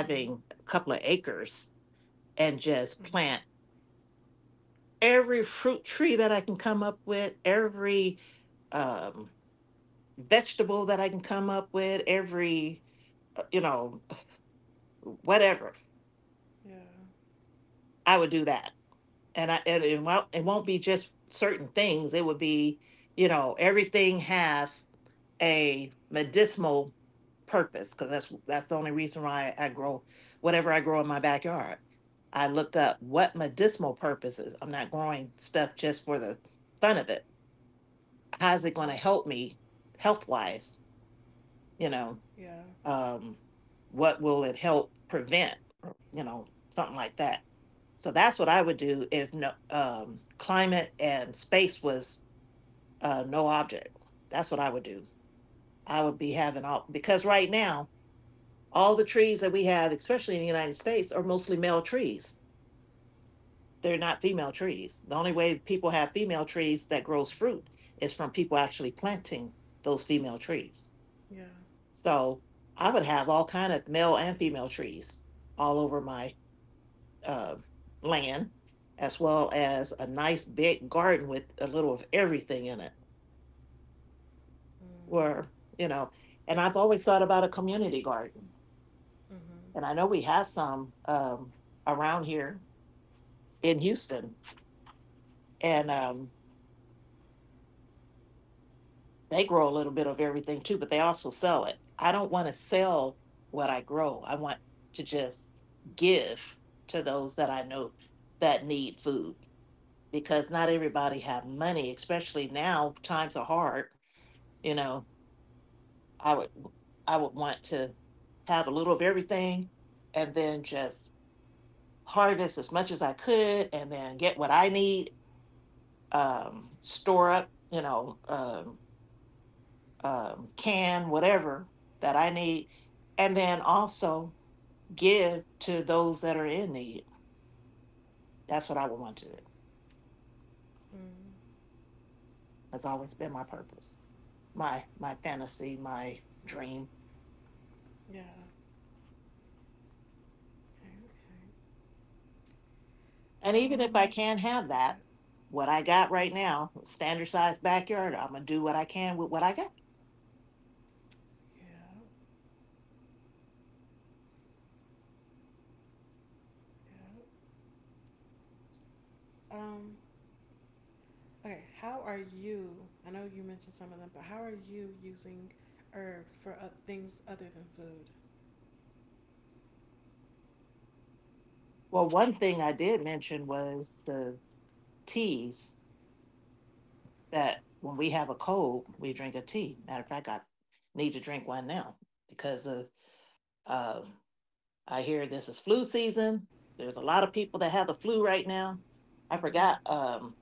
Mm-hmm. a couple of acres and just Mm-hmm. plant every fruit tree that I can come up with, every, um, vegetable that I can come up with, every, uh, you know, whatever. Yeah. I would do that, and I, and it won't it won't be just certain things. It would be, you know, everything have a medicinal purpose, because that's that's the only reason why I grow whatever I grow in my backyard. I look up what medicinal purposes. I'm not growing stuff just for the fun of it. How's it going to help Mm-hmm. me health wise? You know, Yeah. um, what will it help prevent, or, you know, something like that. So that's what I would do if no, um, climate and space was, uh, no object. That's what I would do. I would be having all, because right now all the trees that we have, especially in the United States, are mostly male trees. They're not female trees. The only way people have female trees that grows fruit is from people actually planting those female trees. Yeah. So I would have all kind of male and female trees all over my, uh, land, as well as a nice big garden with a little of everything in it. Mm-hmm. Where, you know, and I've always thought about a community garden, Mm-hmm. and I know we have some, um, around here in Houston, and Uh. um, they grow a little bit of everything too, but they also sell it. I don't want to sell what I grow. I want to just give to those that I know that need food, because not everybody have money, especially now times are hard. You know, I would I would want to have a little of everything, and then just harvest as much as I could and then get what I need, um, store up, you know, um, um, can whatever that I need, and then also give to those that are in need. That's what I would want to do. Mm-hmm. That's always been my purpose, my my fantasy, my dream. Yeah. okay, okay. And even if I um can't have okay that, what I got right Uh-huh. now, standard sized backyard, I'm gonna do what I can with what I got. Yeah. Yeah. um okay, how are you, I know you mentioned some of them, but how are you using herbs for uh, things other than food? Well, one thing I did mention was the teas, that when we have a cold, we drink a tea. Matter of fact, I need to drink one now because of, um I hear this is flu season. There's a lot of people that have the flu right now. I Mm-hmm. forgot, um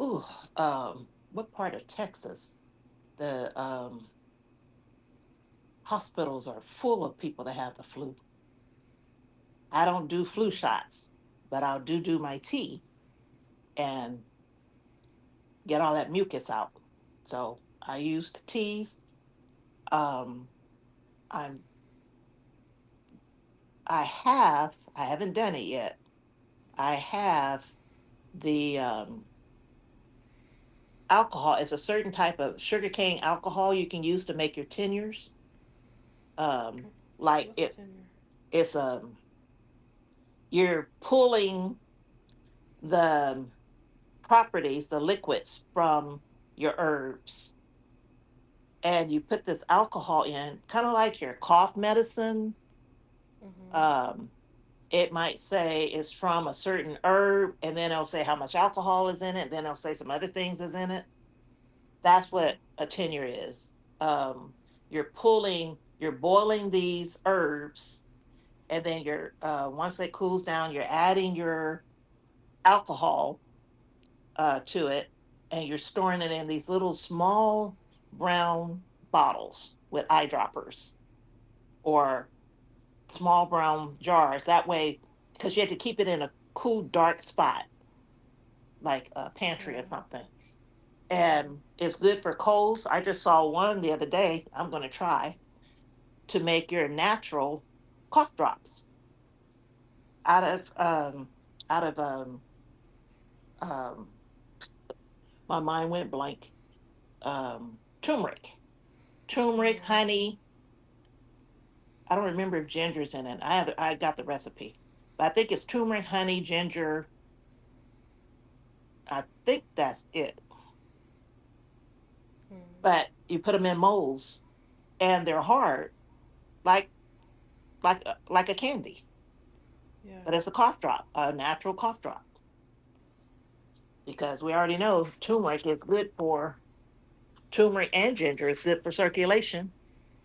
ooh um what part of Texas, the, um hospitals are full of people that have the flu. I don't do flu Mm-hmm. shots, but I'll do do my tea and get all that mucus out. So I use the teas. Um, I'm I have I haven't done it yet. I have the, um, alcohol. It's a certain type of sugarcane alcohol you can use to make your tenures. Um, like What's the it, tenure? it's, um, you're pulling the properties, the liquids from your herbs, and you put this alcohol in, kind of like your cough medicine. Mhm. Um, it might say it's from a certain herb, and then it'll say how much alcohol is in it, then it'll say some other things is in it. That's Mhm. what a tenure is. Um, you're pulling, you're boiling these herbs, and then you're, uh, once it cools down, you're adding your alcohol, uh, to it, and you're storing it in these little small brown bottles with eyedroppers, or small brown jars. That way, because you had to keep it in a cool, dark spot, like a pantry or Yeah. something. Mhm. And it's good for colds. I just saw one the other day. I'm going to try to make your natural cough drops out of um out of um um my mind went blank. Um turmeric, turmeric Mm. honey. I don't remember if ginger's in it. I have I got the recipe, but I think it's turmeric honey ginger. I think that's it. Mm. But you put them in molds and they're hard, like, like uh, like a candy, Yeah. but it's a cough drop, a natural cough drop, because we already know turmeric is good for turmeric and ginger is good for circulation,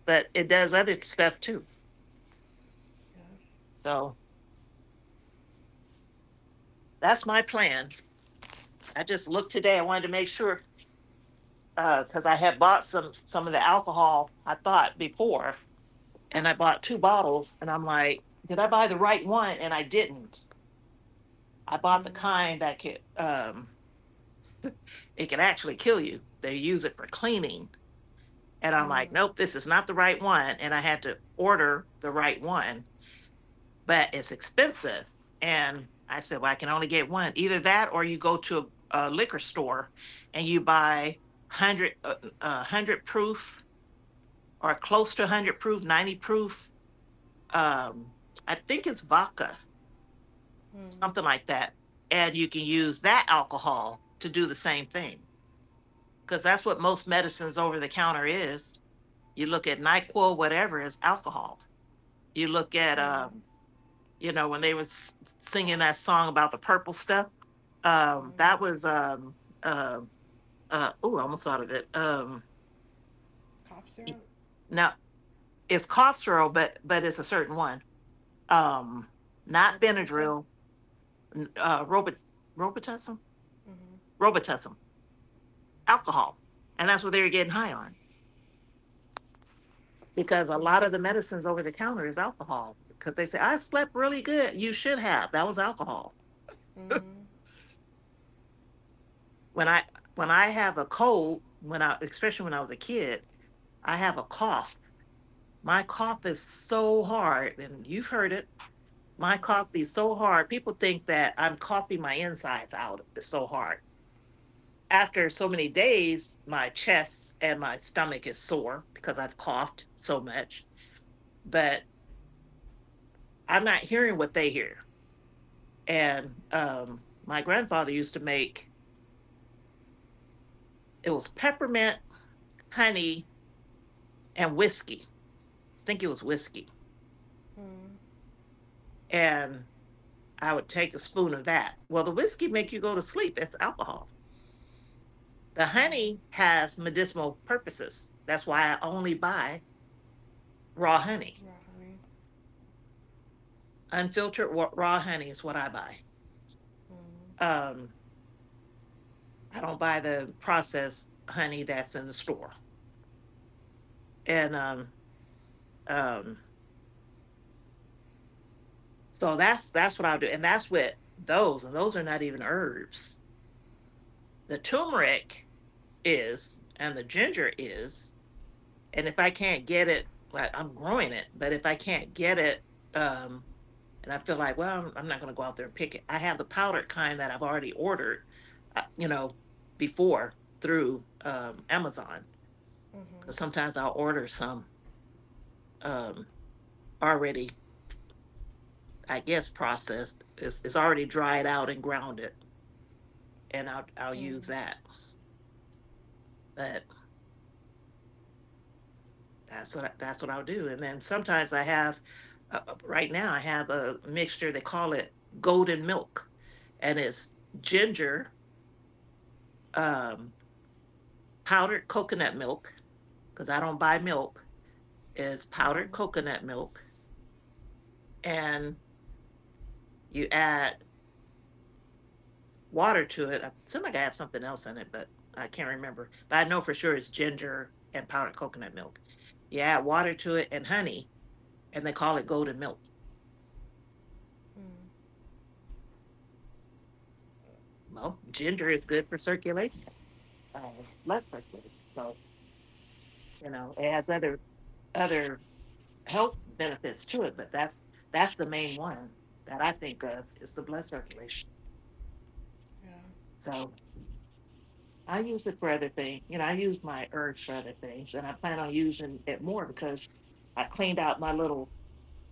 but it does other stuff too. Yeah. So that's my plan. I just looked today. I wanted to make sure because uh, I had bought some some of the alcohol I thought before, and I bought two bottles and I'm like, did I buy the right one? And I didn't. I bought the Mm. kind that could um it can actually kill you. They use it for cleaning. And I'm like, Mm. nope, this is not the right one. And I had to order the right one, but it's expensive. And I said, well, I can only get one. Either that or you go to a, a liquor store and you buy one hundred, uh, uh, one hundred proof, or close to one hundred proof, ninety proof. Um, I think it's vodka, Mm. something like that, and you can use that alcohol to do the same thing, because that's what most medicines over the counter is. You look at NyQuil, whatever, is alcohol. You look at, Yeah. um, you know, when they was singing that song about the purple stuff, um, Mhm. that was, um, uh, uh, oh, I almost thought of it. Um, Cough syrup. now, it's cough syrup, but but it's a certain one. Um, not Robitussin. Benadryl, n- uh, Robit, Robitussin? Mhm. Robitussin, alcohol. And that's what they were getting high on, because a lot Mm. of the medicines over the counter is alcohol, because they say, I slept really good. You should have. That was alcohol. Mm. When I when I have a cold, when I especially when I was a kid, I have a cough. My cough is so hard, and you've heard it. My Mhm. cough is so hard. People think that I'm coughing my insides out. It's so hard. After so many days, my chest and my stomach is sore because I've coughed so much. But I'm not hearing what they hear. And um, My grandfather used to make, it was peppermint, honey, and whiskey. I think it was whiskey. Mm. And I would take a spoon of that. Well, the whiskey make you go to sleep. It's alcohol. The Mhm. honey has medicinal purposes. That's why I only buy raw honey. Raw honey. Unfiltered raw honey is what I buy. Mm. Um, I don't buy the processed honey that's in the store. And um, um, so that's that's what I'll do. And that's with those, and those are not even herbs. The turmeric is, and the ginger is. And if I can't get it, like I'm growing it, but if I can't get it, um, and I feel like, well, I'm, I'm not going to go out there and pick it. I have the powdered kind that I've already ordered, uh, you know, before, through um, Amazon. Mhm. Because sometimes I'll order some, um, already, I guess, processed. It's, it's already dried out and grounded, and I'll I'll Mm. use that. But That's what I that's what I'll do. And then sometimes I have, uh, uh, right now I have a mixture, they call it golden milk, and it's ginger, um, powdered coconut milk. Because I don't buy milk, is powdered Mhm. coconut milk, and you add water to it. I seem like I have something else in it, but I can't remember. But I know for sure it's ginger and powdered coconut milk. You add water to it and honey, and they call it golden milk. Mm. Well, ginger is good for circulation, uh, blood pressure. So, you know, it has other, other health benefits to it, but that's that's the main one that I think of, is the blood circulation. Yeah. So I use it for other things. You know, I use my herbs for other things, and I plan on using it more because I cleaned out my little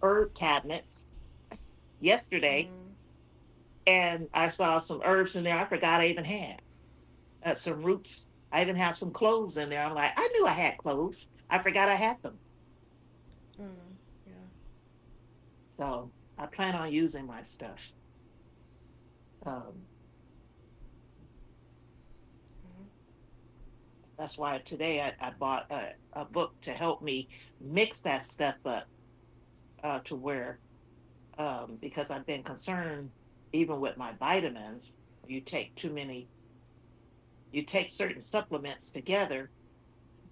herb cabinet yesterday, Mm. and I saw some herbs in there I forgot I even had. Uh, some roots. I even have some cloves in there. I'm like, I knew I had cloves. I forgot I had them. Mm. Yeah. So I plan on using my stuff. Um, Mhm. that's why today I, I bought a, a book to help me mix that stuff up, uh, to where, um, because I've been concerned, even with my vitamins, you take too many, you take certain supplements together,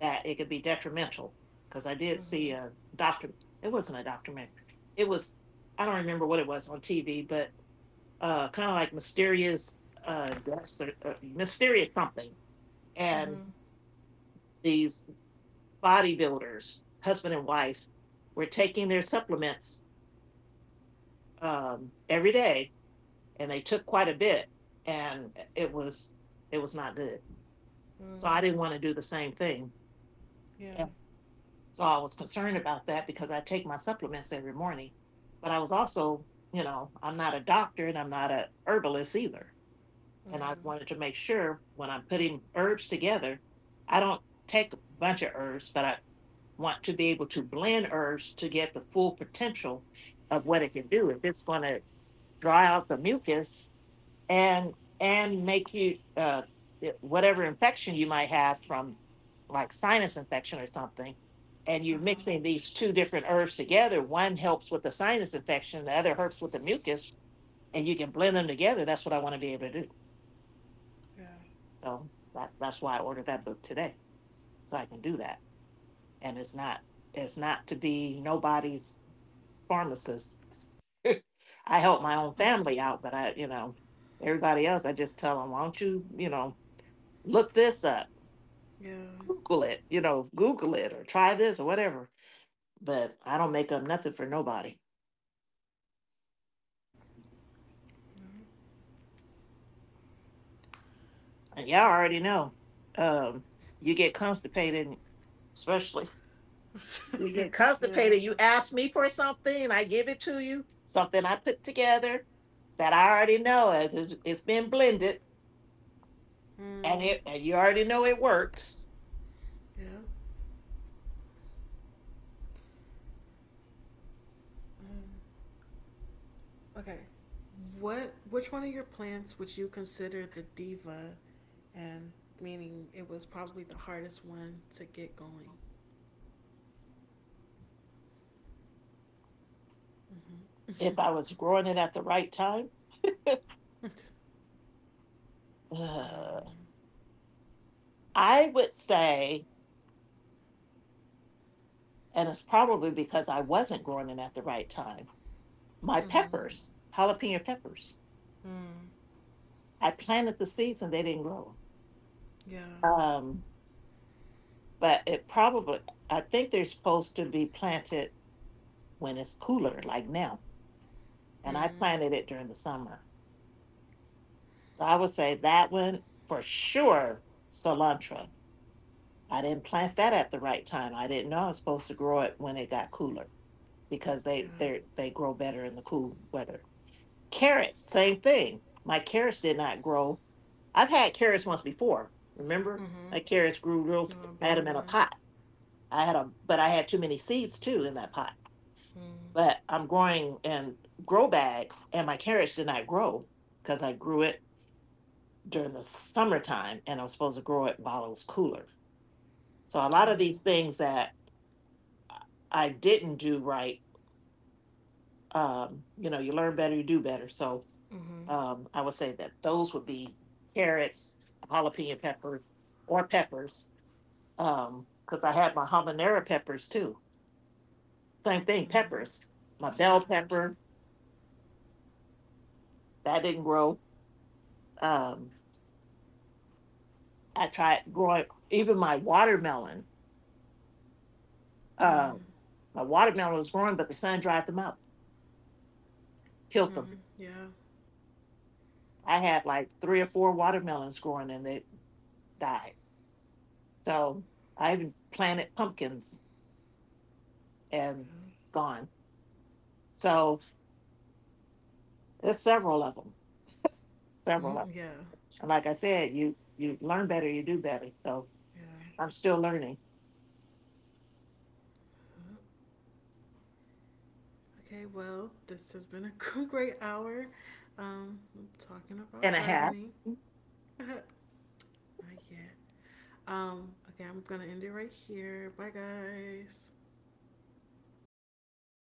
that it could be detrimental. Because I did Mhm. see a doctor, it wasn't a documentary, it was, I don't remember what it was on T V, but uh, kind of like mysterious, uh, deaths or uh, mysterious Sorry. something, and Mhm. these bodybuilders, husband and wife, were taking their supplements um, every day, and they took quite a bit, and it was it was not good. So Mm. I didn't want to do the same thing, Yeah. and so I was concerned about that because I take my supplements every morning, but I was also, you know, I'm not a doctor and I'm not a herbalist either. And I Mm-hmm. wanted to make sure when I'm putting herbs together, I don't take a bunch of herbs, but I want to be able to blend herbs to get the full potential of what it can do. If it's going to dry out the mucus and and make you uh, it- whatever infection you might have from, like, sinus infection or something, and you're Uh-huh. mixing these two different herbs together, one helps with the sinus infection, the other helps with the mucus, and you can blend them together. That's what I want to be able to do. Yeah. So that, that's why I ordered that book today, so I can do that. And it's not it's not to be nobody's pharmacist. I help my own Mhm. family out, but I, you know, everybody else, I just tell them, why don't you, you know, look this up, Yeah. Google it, you know, Google it or try this or whatever. But I don't make up nothing for nobody. Mhm. And y'all Okay. already know, um, you get constipated, especially. We get Yeah. constipated. You ask me for something, I give it to you. Something I put together that I already know as it- it's been blended, and Mm. it and you already know it works. Yeah. Mm. Okay. What? Which one of your plants would you consider the diva? And meaning it was probably the hardest one to get going. Mm-hmm. If I was growing it at the right time, um. uh, I would say, and it's probably because I wasn't growing it at the right time. My Mm-hmm. peppers, jalapeno peppers, Mm. I planted the seeds and they didn't grow. Yeah. Um, but it probably, I think they're supposed to be planted when it's cooler, like now, and I Mm. planted it during the summer. So I would say that one for sure, cilantro. I didn't plant that at the right time. I didn't know I was supposed to grow it when it got cooler, because they Yeah. they they grow better in the cool weather. Carrots, same thing. My carrots did not grow. I've had carrots once before. Remember, Mm-hmm. my carrots grew real. You s- know, I had baby them in a ones. pot. I had them, but I had too many seeds too in that pot. Mm. But I'm growing in grow bags, and my carrots did not grow because I grew it during the summertime and I'm supposed to grow it while it was cooler. So a Yeah. lot of these things that I didn't do right, um, you know, you learn better, you do better. So, Mm-hmm. um, I would say that those would be carrots, jalapeno peppers, or peppers, because I had my habanero peppers too. Same thing, Mm. peppers. My Yeah. bell pepper, that didn't grow. Um, I tried growing, even my watermelon. Mm. Um, my watermelon was growing, but the sun dried them out, killed them. Mm. Yeah. I had like three or four watermelons growing and they died. So I even planted pumpkins and Yeah. gone. So there's several of them, several of Mhm. them. Yeah. And like I said, you you learn better, you do better. So I'm still learning, Yeah. Okay. Well, this has been a great hour. Um, I'm talking about and I have. gardening. Not yet. Um. Okay. I'm gonna end it right here. Bye, guys.